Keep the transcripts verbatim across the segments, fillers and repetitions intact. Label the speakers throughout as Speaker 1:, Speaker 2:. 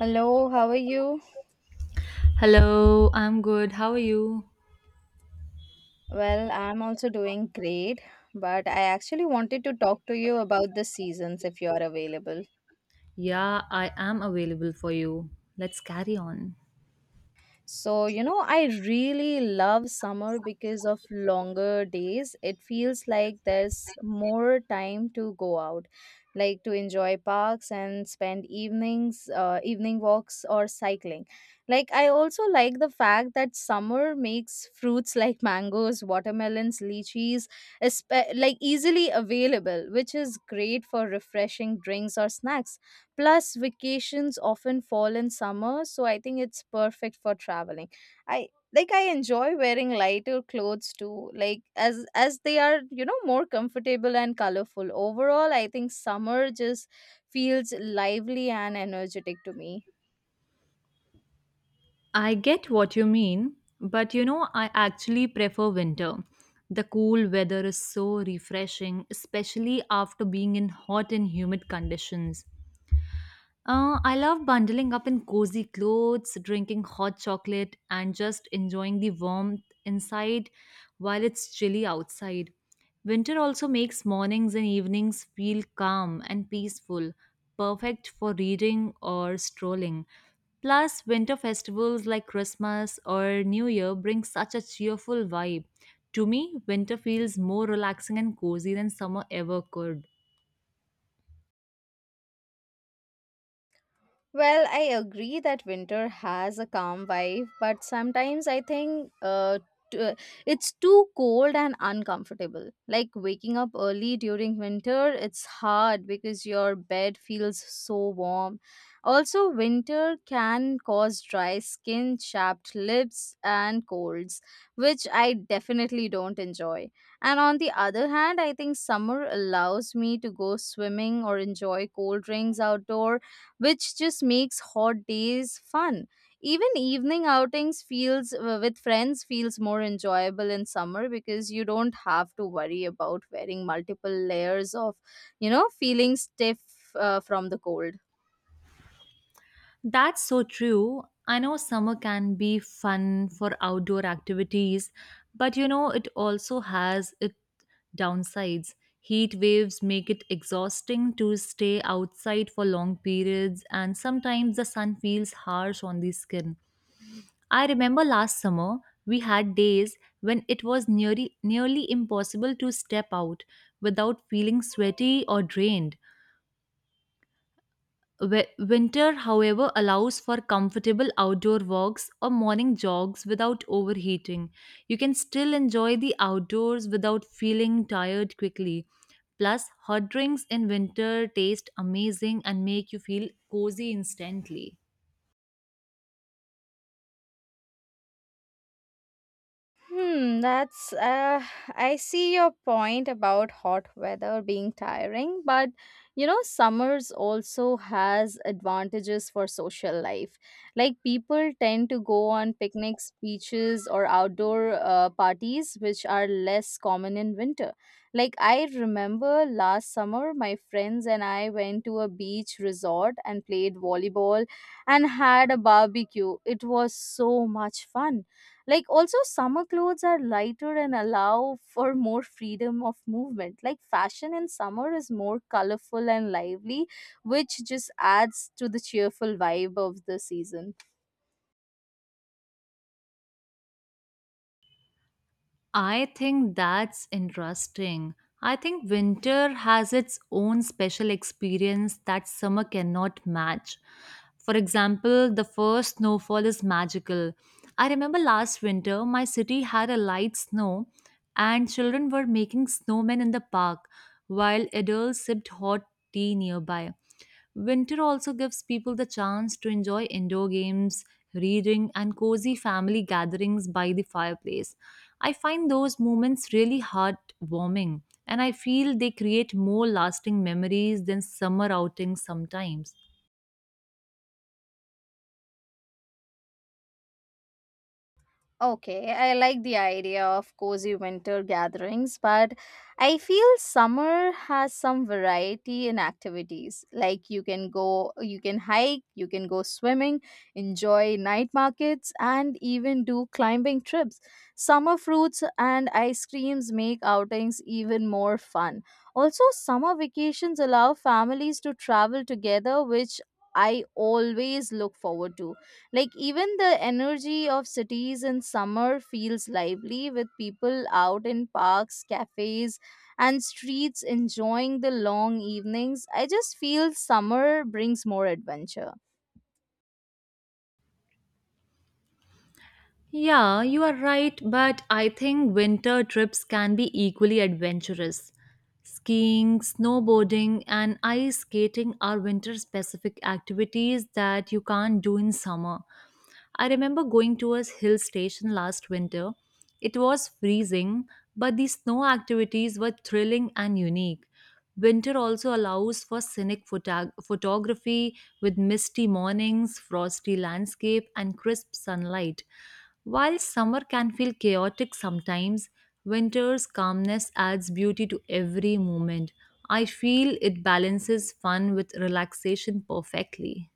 Speaker 1: Hello, how are you?
Speaker 2: Hello, I'm good. How are you?
Speaker 1: Well, I'm also doing great, but I actually wanted to talk to you about the seasons if you're available.
Speaker 2: Yeah, I am available for you. Let's carry on.
Speaker 1: So, you know, I really love summer because of longer days. It feels like there's more time to go out, like to enjoy parks and spend evenings, uh, evening walks or cycling. Like, I also like the fact that summer makes fruits like mangoes, watermelons, lychees, espe- like easily available, which is great for refreshing drinks or snacks. Plus, vacations often fall in summer, so I think it's perfect for traveling. I Like, I enjoy wearing lighter clothes too, like as as they are, you know, more comfortable and colorful. Overall, I think summer just feels lively and energetic to me.
Speaker 2: I get what you mean, but you know, I actually prefer winter. The cool weather is so refreshing, especially after being in hot and humid conditions. Uh, I love bundling up in cozy clothes, drinking hot chocolate, and just enjoying the warmth inside while it's chilly outside. Winter also makes mornings and evenings feel calm and peaceful, perfect for reading or strolling. Plus, winter festivals like Christmas or New Year bring such a cheerful vibe. To me, winter feels more relaxing and cozy than summer ever could.
Speaker 1: Well, I agree that winter has a calm vibe, but sometimes I think uh, t- uh, it's too cold and uncomfortable. Like waking up early during winter, it's hard because your bed feels so warm. Also, winter can cause dry skin, chapped lips, and colds, which I definitely don't enjoy. And on the other hand, I think summer allows me to go swimming or enjoy cold drinks outdoor which just makes hot days fun. Even evening outings feels uh, with friends feels more enjoyable in summer because you don't have to worry about wearing multiple layers of, you know, feeling stiff uh, from the cold.
Speaker 2: That's so true. I know summer can be fun for outdoor activities, but you know, it also has its downsides. Heat waves make it exhausting to stay outside for long periods, and sometimes the sun feels harsh on the skin. I remember last summer we had days when it was nearly, nearly impossible to step out without feeling sweaty or drained. Wi- Winter, however, allows for comfortable outdoor walks or morning jogs without overheating. You can still enjoy the outdoors without feeling tired quickly. Plus, hot drinks in winter taste amazing and make you feel cozy instantly.
Speaker 1: Hmm, that's uh I see your point about hot weather being tiring, but you know summers also has advantages for social life. Like people tend to go on picnics, beaches or outdoor uh, parties which are less common in winter. Like I remember last summer my friends and I went to a beach resort and played volleyball and had a barbecue. It was so much fun, like also summer clothes are lighter and allow for more freedom of movement. Like fashion in summer is more colorful and lively, which just adds to the cheerful vibe of the season.
Speaker 2: I think that's interesting. I think winter has its own special experience that summer cannot match. For example, the first snowfall is magical. I remember last winter, my city had a light snow, and children were making snowmen in the park while adults sipped hot tea nearby. Winter also gives people the chance to enjoy indoor games, reading, and cozy family gatherings by the fireplace. I find those moments really heartwarming, and I feel they create more lasting memories than summer outings sometimes.
Speaker 1: Okay, I like the idea of cozy winter gatherings, but I feel summer has some variety in activities. Like you can go, you can hike, you can go swimming, enjoy night markets, and even do climbing trips. Summer fruits and ice creams make outings even more fun. Also, summer vacations allow families to travel together, which I always look forward to, like even the energy of cities in summer feels lively with people out in parks, cafes, and streets enjoying the long evenings. I just feel summer brings more adventure.
Speaker 2: Yeah, you are right, but I think winter trips can be equally adventurous. Skiing, snowboarding, and ice skating are winter specific activities that you can't do in summer. I remember going to a hill station last winter. It was freezing, but the snow activities were thrilling and unique. Winter also allows for scenic photog- photography with misty mornings, frosty landscape, and crisp sunlight. While summer can feel chaotic sometimes, winter's calmness adds beauty to every moment. I feel it balances fun with relaxation perfectly.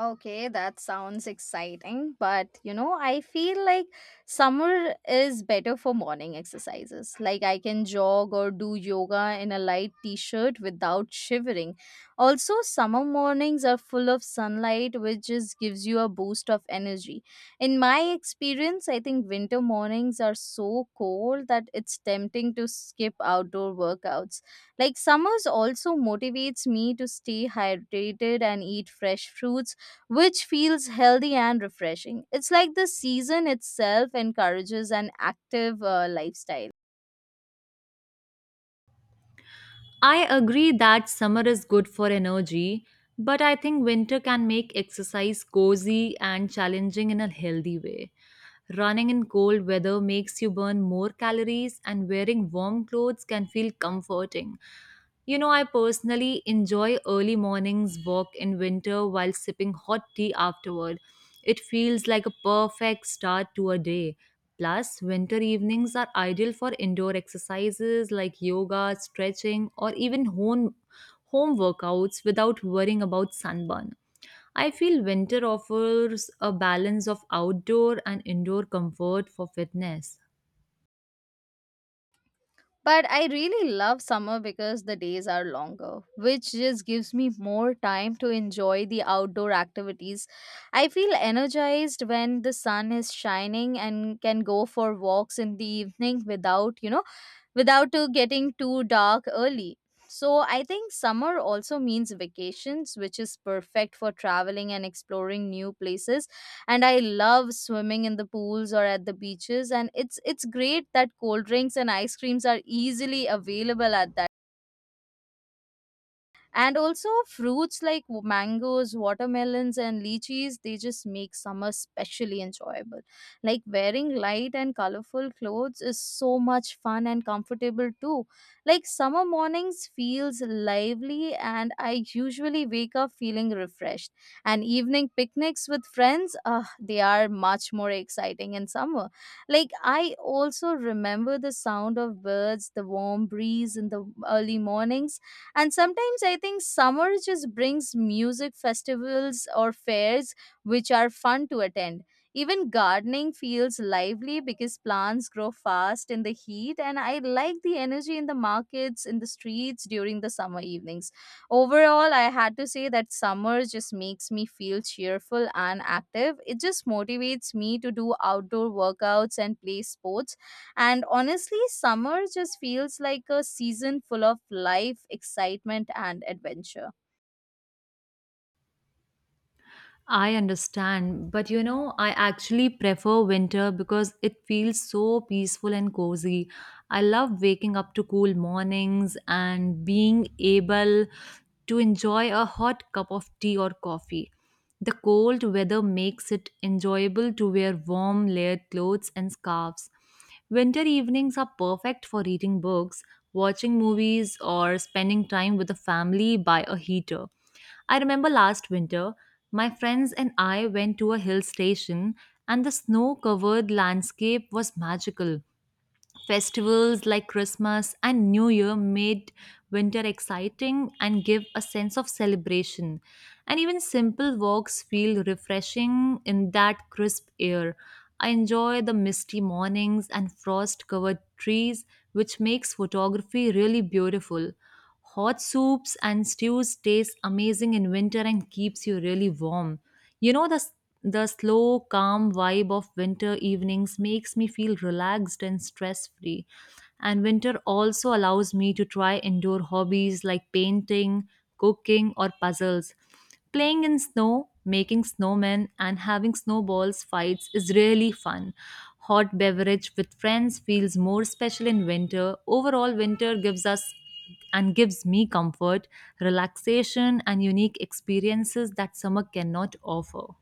Speaker 1: Okay, that sounds exciting, but you know, I feel like summer is better for morning exercises. Like I can jog or do yoga in a light t-shirt without shivering. Also, summer mornings are full of sunlight which just gives you a boost of energy. In my experience, I think winter mornings are so cold that it's tempting to skip outdoor workouts. Like summers also motivates me to stay hydrated and eat fresh fruits which feels healthy and refreshing. It's like the season itself encourages an active uh, lifestyle.
Speaker 2: I agree that summer is good for energy, but I think winter can make exercise cozy and challenging in a healthy way. Running in cold weather makes you burn more calories, and wearing warm clothes can feel comforting. You know, I personally enjoy early mornings walk in winter while sipping hot tea afterward. It feels like a perfect start to a day. Plus, winter evenings are ideal for indoor exercises like yoga, stretching, or even home, home workouts without worrying about sunburn. I feel winter offers a balance of outdoor and indoor comfort for fitness.
Speaker 1: But I really love summer because the days are longer, which just gives me more time to enjoy the outdoor activities. I feel energized when the sun is shining and can go for walks in the evening without, you know, without uh, getting too dark early. So, I think summer also means vacations, which is perfect for traveling and exploring new places. And I love swimming in the pools or at the beaches. And it's it's great that cold drinks and ice creams are easily available at that, and also fruits like mangoes, watermelons and lychees, they just make summer specially enjoyable. Like wearing light and colorful clothes is so much fun and comfortable too. Like summer mornings feels lively and I usually wake up feeling refreshed, and evening picnics with friends, uh, they are much more exciting in summer. Like I also remember the sound of birds, the warm breeze in the early mornings, and sometimes I think summer just brings music festivals or fairs which are fun to attend. Even gardening feels lively because plants grow fast in the heat, and I like the energy in the markets, in the streets during the summer evenings. Overall, I had to say that summer just makes me feel cheerful and active. It just motivates me to do outdoor workouts and play sports, and honestly, summer just feels like a season full of life, excitement, and adventure.
Speaker 2: I understand, but you know, I actually prefer winter because it feels so peaceful and cozy. I love waking up to cool mornings and being able to enjoy a hot cup of tea or coffee. The cold weather makes it enjoyable to wear warm, layered clothes and scarves. Winter evenings are perfect for reading books, watching movies, or spending time with the family by a heater. I remember last winter, my friends and I went to a hill station, and the snow covered landscape was magical. Festivals like Christmas and New Year made winter exciting and give a sense of celebration. And even simple walks feel refreshing in that crisp air. I enjoy the misty mornings and frost covered trees, which makes photography really beautiful. Hot soups and stews taste amazing in winter and keeps you really warm. You know the the slow, calm vibe of winter evenings makes me feel relaxed and stress-free. And winter also allows me to try indoor hobbies like painting, cooking, or puzzles. Playing in snow, making snowmen, and having snowballs fights is really fun. Hot beverage with friends feels more special in winter. Overall, winter gives us and gives me comfort, relaxation, and unique experiences that summer cannot offer.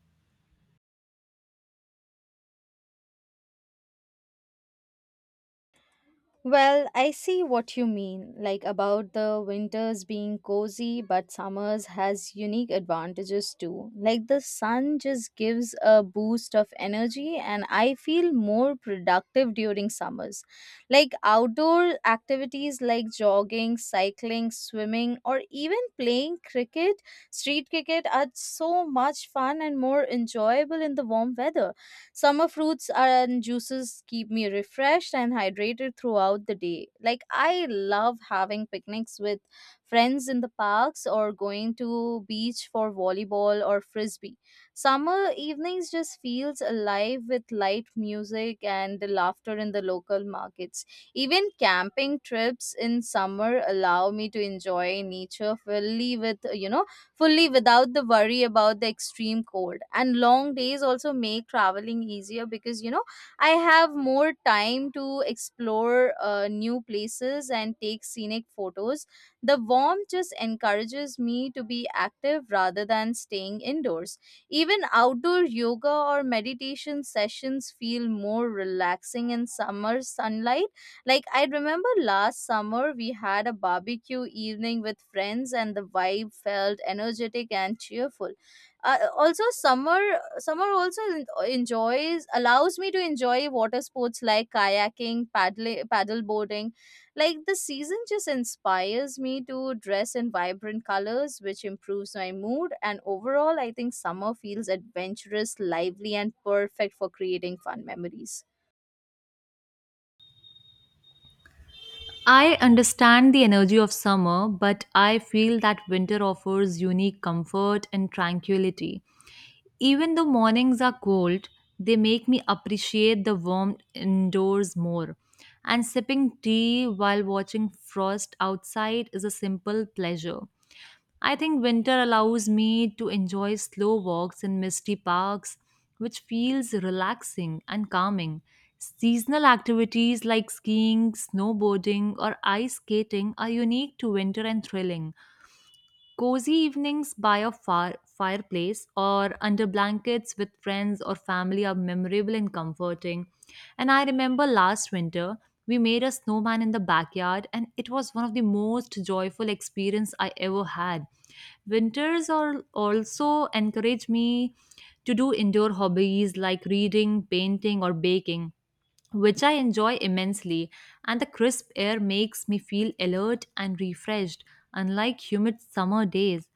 Speaker 1: Well, I see what you mean, like about the winters being cozy, but summers has unique advantages too. Like the sun just gives a boost of energy, and I feel more productive during summers. Like outdoor activities like jogging, cycling, swimming, or even playing cricket, street cricket, are so much fun and more enjoyable in the warm weather. Summer fruits and juices keep me refreshed and hydrated throughout the day. Like, I love having picnics with friends in the parks or going to beach for volleyball or frisbee. Summer evenings just feels alive with light music and the laughter in the local markets. Even camping trips in summer allow me to enjoy nature fully with, you know, fully without the worry about the extreme cold. And long days also make traveling easier because, you know, I have more time to explore uh, new places and take scenic photos. The warmth just encourages me to be active rather than staying indoors. Even outdoor yoga or meditation sessions feel more relaxing in summer sunlight, like I remember last summer we had a barbecue evening with friends and the vibe felt energetic and cheerful. Uh, also, summer summer also en- enjoys allows me to enjoy water sports like kayaking, paddle paddle boarding. Like the season just inspires me to dress in vibrant colors which improves my mood, and overall I think summer feels adventurous, lively and perfect for creating fun memories.
Speaker 2: I understand the energy of summer, but I feel that winter offers unique comfort and tranquility. Even though mornings are cold, they make me appreciate the warmth indoors more. And sipping tea while watching frost outside is a simple pleasure. I think winter allows me to enjoy slow walks in misty parks, which feels relaxing and calming. Seasonal activities like skiing, snowboarding, or ice skating are unique to winter and thrilling. Cozy evenings by a fire- fireplace or under blankets with friends or family are memorable and comforting. And I remember last winter, we made a snowman in the backyard, and it was one of the most joyful experience I ever had. Winters are also encourage me to do indoor hobbies like reading, painting, or baking which I enjoy immensely, and the crisp air makes me feel alert and refreshed, unlike humid summer days.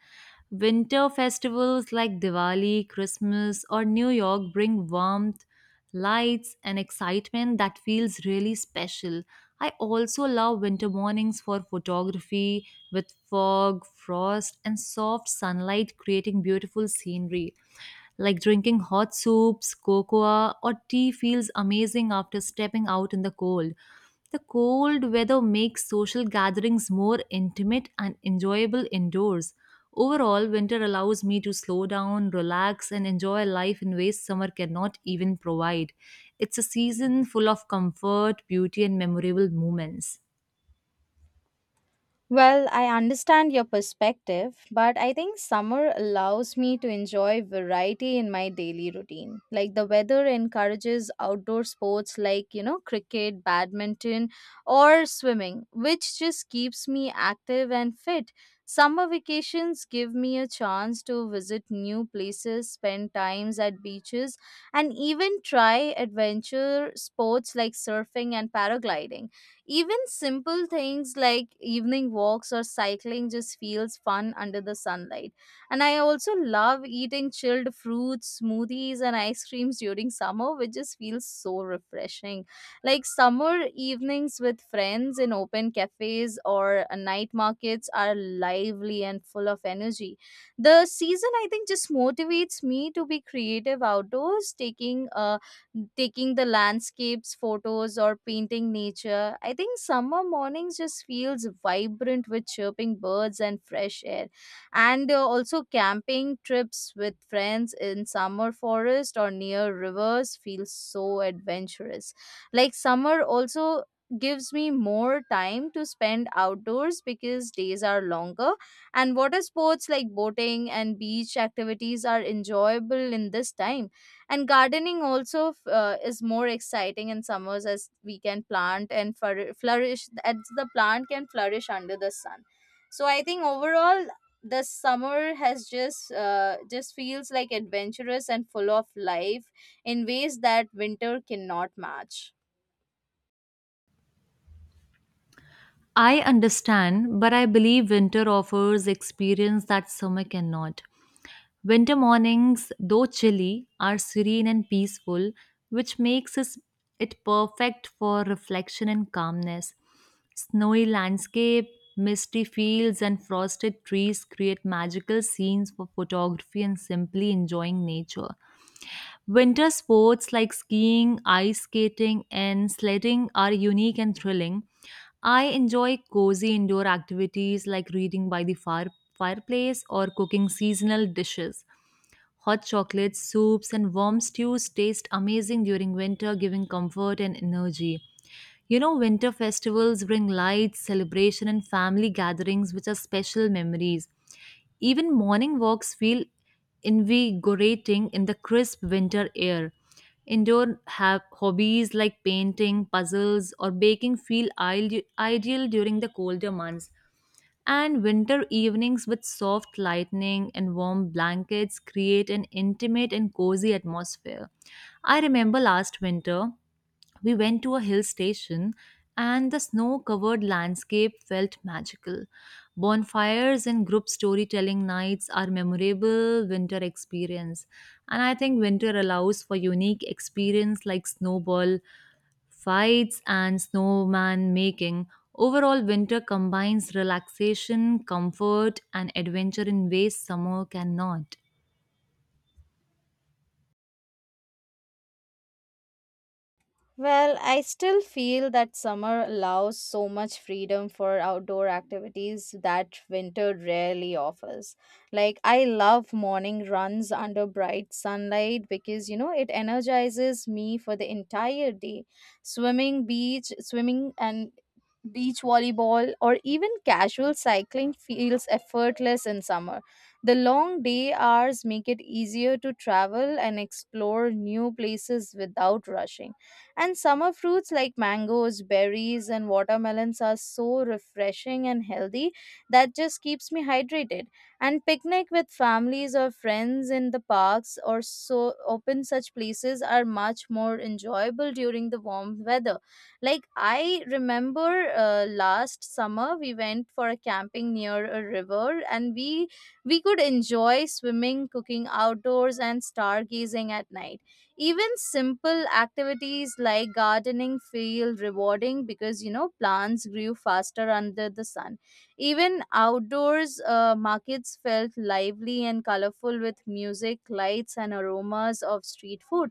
Speaker 2: Winter festivals like Diwali, Christmas, or New York bring warmth, lights, and excitement that feels really special. I also love winter mornings for photography with fog, frost, and soft sunlight creating beautiful scenery. Like drinking hot soups, cocoa, or tea feels amazing after stepping out in the cold. The cold weather makes social gatherings more intimate and enjoyable indoors. Overall, winter allows me to slow down, relax, and enjoy life in ways summer cannot even provide. It's a season full of comfort, beauty, and memorable moments.
Speaker 1: Well, I understand your perspective, but I think summer allows me to enjoy variety in my daily routine. Like the weather encourages outdoor sports like, you know, cricket, badminton, or swimming, which just keeps me active and fit. Summer vacations give me a chance to visit new places, spend times at beaches, and even try adventure sports like surfing and paragliding. Even simple things like evening walks or cycling just feels fun under the sunlight. And I also love eating chilled fruits, smoothies, and ice creams during summer, which just feels so refreshing. Like summer evenings with friends in open cafes or uh, night markets are lively and full of energy. The season, I think, just motivates me to be creative outdoors, taking a taking the landscapes photos or painting nature. I think summer mornings just feels vibrant with chirping birds and fresh air, and uh, also camping trips with friends in summer forest or near rivers feels so adventurous. Like summer also gives me more time to spend outdoors because days are longer, and water sports like boating and beach activities are enjoyable in this time. And gardening also f- uh, is more exciting in summers as we can plant and flour- flourish, as the plant can flourish under the sun. So I think overall the summer has just uh, just feels like adventurous and full of life in ways that winter cannot match.
Speaker 2: I understand, but I believe winter offers experience that summer cannot. Winter mornings, though chilly, are serene and peaceful, which makes us- it perfect for reflection and calmness. Snowy landscape, misty fields, and frosted trees create magical scenes for photography and simply enjoying nature. Winter sports like skiing, ice skating, and sledding are unique and thrilling. I enjoy cozy indoor activities like reading by the fire, fireplace or cooking seasonal dishes. Hot chocolates, soups, and warm stews taste amazing during winter, giving comfort and energy. You know, winter festivals bring lights, celebration, and family gatherings, which are special memories. Even morning walks feel invigorating in the crisp winter air. Indoor have hobbies like painting, puzzles, or baking feel ideal ideal during the colder months. And winter evenings with soft lighting and warm blankets create an intimate and cozy atmosphere. I remember last winter, we went to a hill station and the snow covered landscape felt magical. Bonfires and group storytelling nights are memorable winter experience. And I think winter allows for unique experience like snowball fights, and snowman making. Overall, winter combines relaxation, comfort, and adventure in ways summer cannot.
Speaker 1: Well, I still feel that summer allows so much freedom for outdoor activities that winter rarely offers. Like, I love morning runs under bright sunlight because, you know, it energizes me for the entire day. Swimming, beach, swimming, and beach volleyball, or even casual cycling feels effortless in summer. The long day hours make it easier to travel and explore new places without rushing. And summer fruits like mangoes, berries, and watermelons are so refreshing and healthy that just keeps me hydrated. And picnic with families or friends in the parks or so open such places are much more enjoyable during the warm weather. Like I remember uh, last summer we went for a camping near a river and we we could enjoy swimming, cooking outdoors and stargazing at night. Even simple activities like gardening feel rewarding because you know plants grew faster under the sun. Even outdoors uh, markets felt lively and colorful with music, lights, and aromas of street food.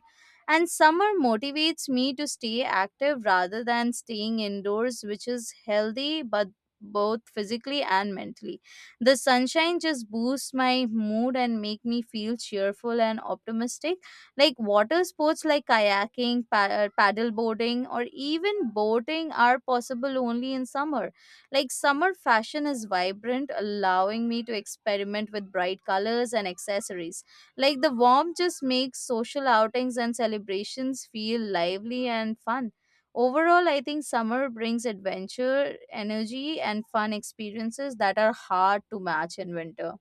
Speaker 1: And summer motivates me to stay active rather than staying indoors, which is healthy but both physically and mentally. The sunshine just boosts my mood and make me feel cheerful and optimistic, like water sports like kayaking, pa- uh, paddle boarding, or even boating are possible only in summer. Like summer fashion is vibrant, allowing me to experiment with bright colors and accessories. Like the warmth just makes social outings and celebrations feel lively and fun. Overall, I think summer brings adventure, energy, and fun experiences that are hard to match in winter.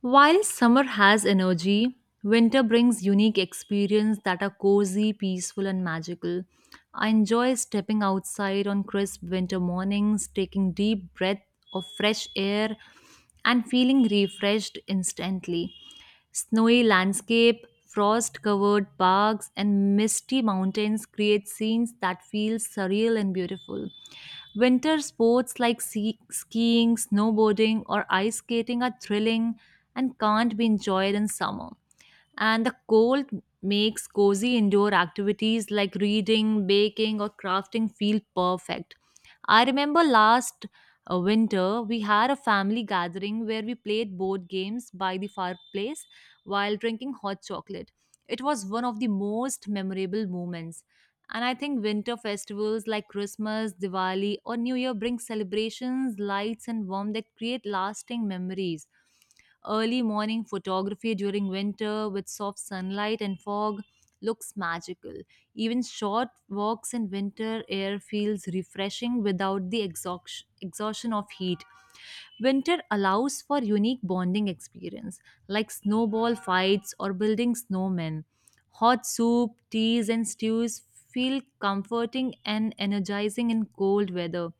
Speaker 2: While summer has energy, winter brings unique experiences that are cozy, peaceful, and magical. I enjoy stepping outside on crisp winter mornings, taking deep breath of fresh air, and feeling refreshed instantly. Snowy landscape, frost-covered parks, and misty mountains create scenes that feel surreal and beautiful. Winter sports like sea- skiing, snowboarding, or ice skating are thrilling and can't be enjoyed in summer and the cold makes cozy indoor activities like reading, baking, or crafting feel perfect. I remember last uh, winter we had a family gathering where we played board games by the fireplace while drinking hot chocolate. It was one of the most memorable moments. And I think winter festivals like Christmas, Diwali, or New Year bring celebrations, lights, and warmth that create lasting memories. Early morning photography during winter with soft sunlight and fog looks magical. Even short walks in winter air feels refreshing without the exhaust- exhaustion of heat. Winter allows for unique bonding experience like snowball fights or building snowmen. Hot soup, teas and stews feel comforting and energizing in cold weather.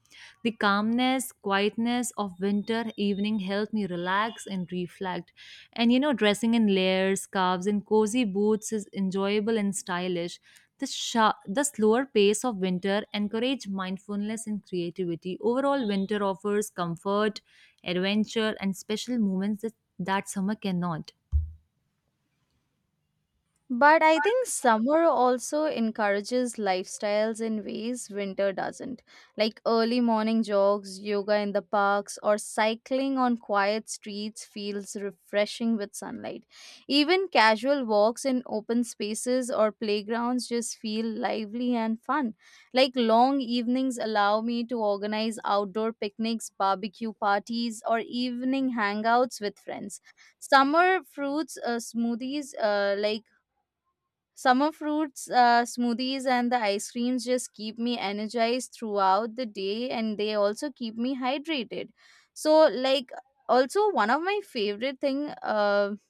Speaker 2: The calmness, quietness of winter evening helped me relax and reflect. And you know, dressing in layers, scarves, and cozy boots is enjoyable and stylish. The, sha the slower pace of winter encourage mindfulness and creativity. Overall, winter offers comfort, adventure, and special moments that, that summer cannot.
Speaker 1: But I think summer also encourages lifestyles in ways winter doesn't, like early morning jogs, yoga in the parks, or cycling on quiet streets feels refreshing with sunlight. Even casual walks in open spaces or playgrounds just feel lively and fun. Like, long evenings allow me to organize outdoor picnics, barbecue parties, or evening hangouts with friends. Summer fruits uh, smoothies uh, like Summer fruits, uh, smoothies, and the ice creams just keep me energized throughout the day, and they also keep me hydrated. So, like, also, one of my favorite thing um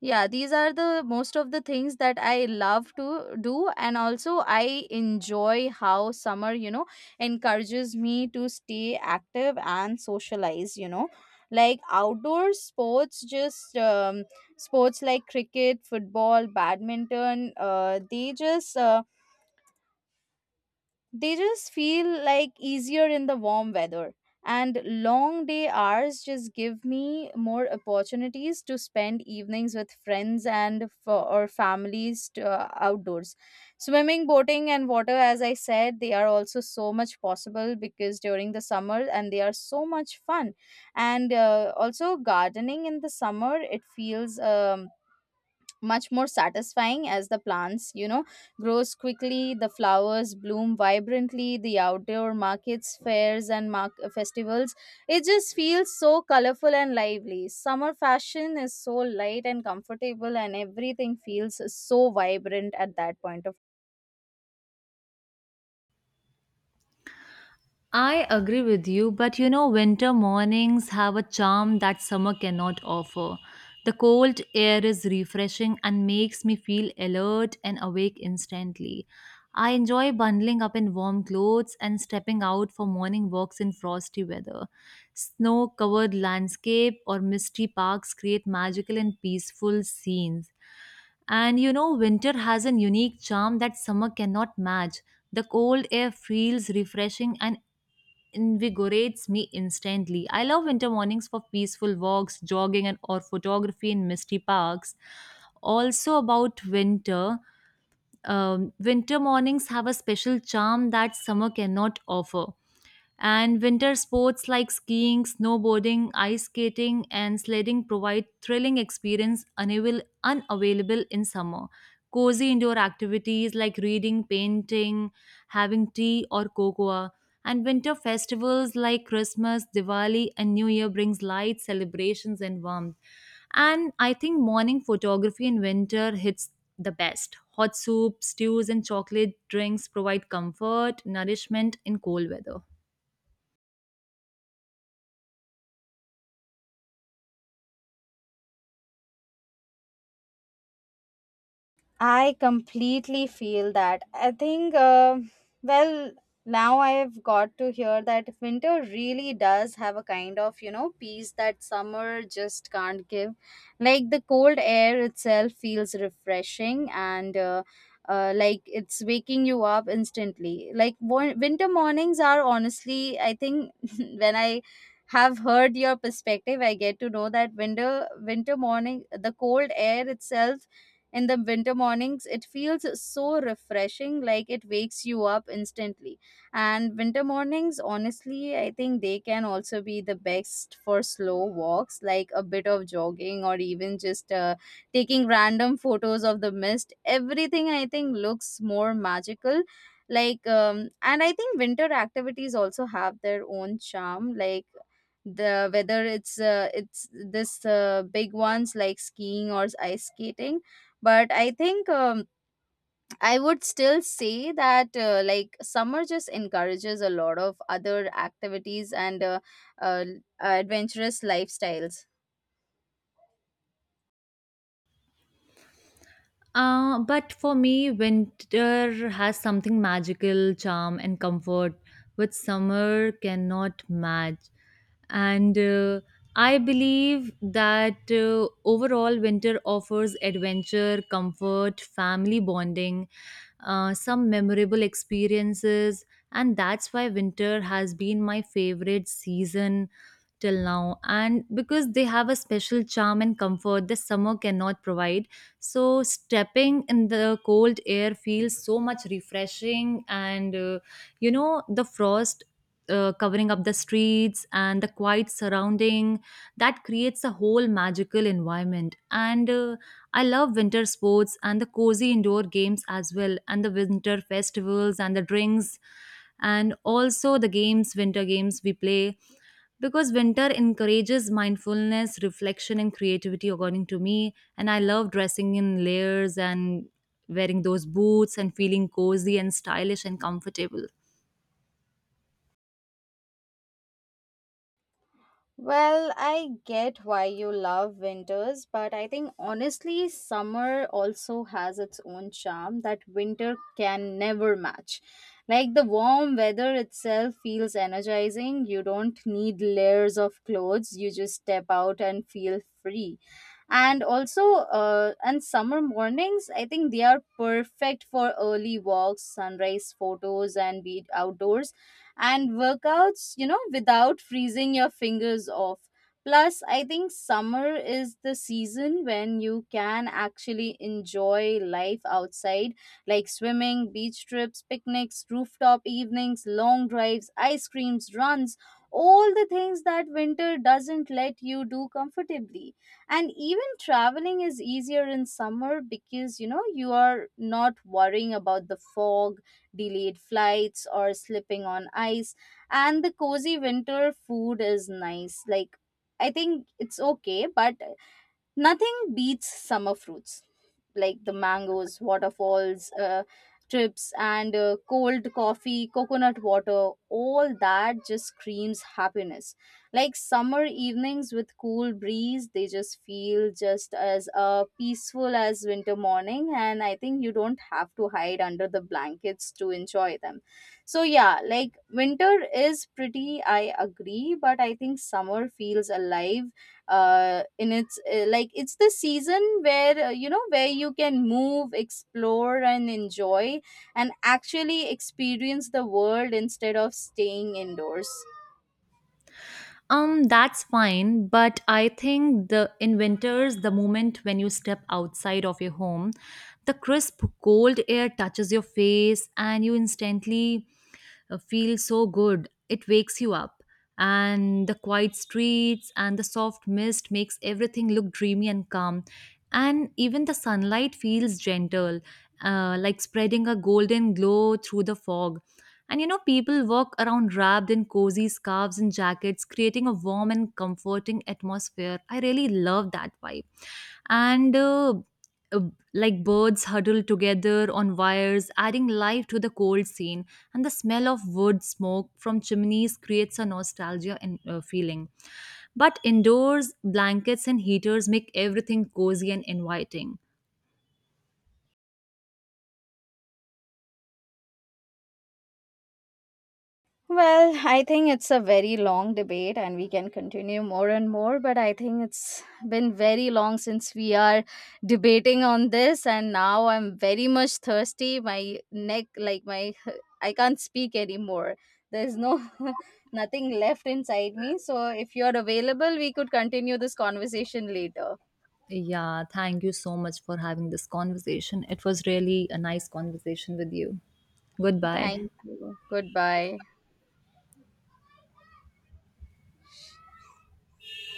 Speaker 1: Yeah, these are the most of the things that I love to do, and also I enjoy how summer, you know, encourages me to stay active and socialize, you know. Like, outdoor sports, just um, sports like cricket, football, badminton, uh, they just uh, they just feel like easier in the warm weather, and long day hours just give me more opportunities to spend evenings with friends and f- or families to, uh, outdoors, swimming, boating, and water. As I said, they are also so much possible because during the summer, and they are so much fun. And uh, also, gardening in the summer, it feels um, much more satisfying as the plants, you know grows quickly, the flowers bloom vibrantly, the outdoor markets, fairs, and mark- festivals, it just feels so colorful and lively. Summer fashion is so light and comfortable, and everything feels so vibrant at that point of.
Speaker 2: I agree with you, but you know, winter mornings have a charm that summer cannot offer. The cold air is refreshing and makes me feel alert and awake instantly. I enjoy bundling up in warm clothes and stepping out for morning walks in frosty weather. Snow covered landscape or misty parks create magical and peaceful scenes. And you know, winter has a unique charm that summer cannot match. The cold air feels refreshing and invigorates me instantly. I love winter mornings for peaceful walks, jogging, and or photography in misty parks. Also about winter, um, winter mornings have a special charm that summer cannot offer. And winter sports like skiing, snowboarding, ice skating, and sledding provide thrilling experience unavail- unavailable in summer. Cozy indoor activities like reading, painting, having tea or cocoa, and winter festivals like Christmas, Diwali, and New Year brings light, celebrations, and warmth. And I think morning photography in winter hits the best. Hot soup, stews, and chocolate drinks provide comfort, nourishment in cold weather.
Speaker 1: I completely feel that. I think, uh, well, now I've got to hear that winter really does have a kind of, you know, peace that summer just can't give. Like, the cold air itself feels refreshing, and uh, uh, like, it's waking you up instantly. Like, wo- winter mornings are honestly, I think, when I have heard your perspective, I get to know that winter winter morning, the cold air itself in the winter mornings, it feels so refreshing, like it wakes you up instantly. And winter mornings, honestly, I think they can also be the best for slow walks, like a bit of jogging, or even just uh, taking random photos of the mist. Everything, I think, looks more magical. Like, um, and I think winter activities also have their own charm, like, the whether it's uh, it's this uh, big ones like skiing or ice skating. But I think, um, I would still say that, uh, like, summer just encourages a lot of other activities and uh, uh, adventurous lifestyles.
Speaker 2: Uh, but for me, winter has something magical, charm, and comfort which summer cannot match and uh, I believe that uh, overall, winter offers adventure, comfort, family bonding, uh, some memorable experiences, and that's why winter has been my favorite season till now, and because they have a special charm and comfort the summer cannot provide. So stepping in the cold air feels so much refreshing, and uh, you know, the frost uh, covering up the streets and the quiet surrounding, that creates a whole magical environment. And uh, I love winter sports and the cozy indoor games as well, and the winter festivals and the drinks, and also the games, winter games we play, because winter encourages mindfulness, reflection, and creativity, according to me. And I love dressing in layers and wearing those boots and feeling cozy and stylish and comfortable.
Speaker 1: Well, I get why you love winters, but I think, honestly, summer also has its own charm that winter can never match. Like, the warm weather itself feels energizing. You don't need layers of clothes, you just step out and feel free. And also, uh, and summer mornings, I think they are perfect for early walks, sunrise photos, and be outdoors and workouts, you know, without freezing your fingers off. Plus, I think summer is the season when you can actually enjoy life outside, like swimming, beach trips, picnics, rooftop evenings, long drives, ice creams, runs, all the things that winter doesn't let you do comfortably. And even traveling is easier in summer because, you know, you are not worrying about the fog, delayed flights, or slipping on ice. And the cozy winter food is nice. Like, I think it's okay, but nothing beats summer fruits like the mangoes, waterfalls, uh, trips, and uh, cold coffee, coconut water. All that just screams happiness. Like, summer evenings with cool breeze, they just feel just as uh, peaceful as winter morning. And I think you don't have to hide under the blankets to enjoy them. So yeah, like, winter is pretty, I agree, but I think summer feels alive, uh, in its uh, like, it's the season where, uh, you know, where you can move, explore, and enjoy and actually experience the world instead of staying indoors.
Speaker 2: Um, that's fine, but I think the in winters, the moment when you step outside of your home, the crisp cold air touches your face and you instantly uh, feel so good. It wakes you up. And the quiet streets and the soft mist makes everything look dreamy and calm, and even the sunlight feels gentle, uh, like spreading a golden glow through the fog. And you know, people walk around wrapped in cozy scarves and jackets, creating a warm and comforting atmosphere. I really love that vibe. And uh, uh, like, birds huddle together on wires, adding life to the cold scene, and the smell of wood smoke from chimneys creates a nostalgia and uh, feeling. But indoors, blankets and heaters make everything cozy and inviting.
Speaker 1: Well, I think it's a very long debate and we can continue more and more, but I think it's been very long since we are debating on this, and now I'm very much thirsty. My neck, like my I can't speak anymore. There's no nothing left inside me. So if you're available, we could continue this conversation later.
Speaker 2: Yeah, thank you so much for having this conversation. It was really a nice conversation with you. Goodbye.
Speaker 1: Thank you. Goodbye.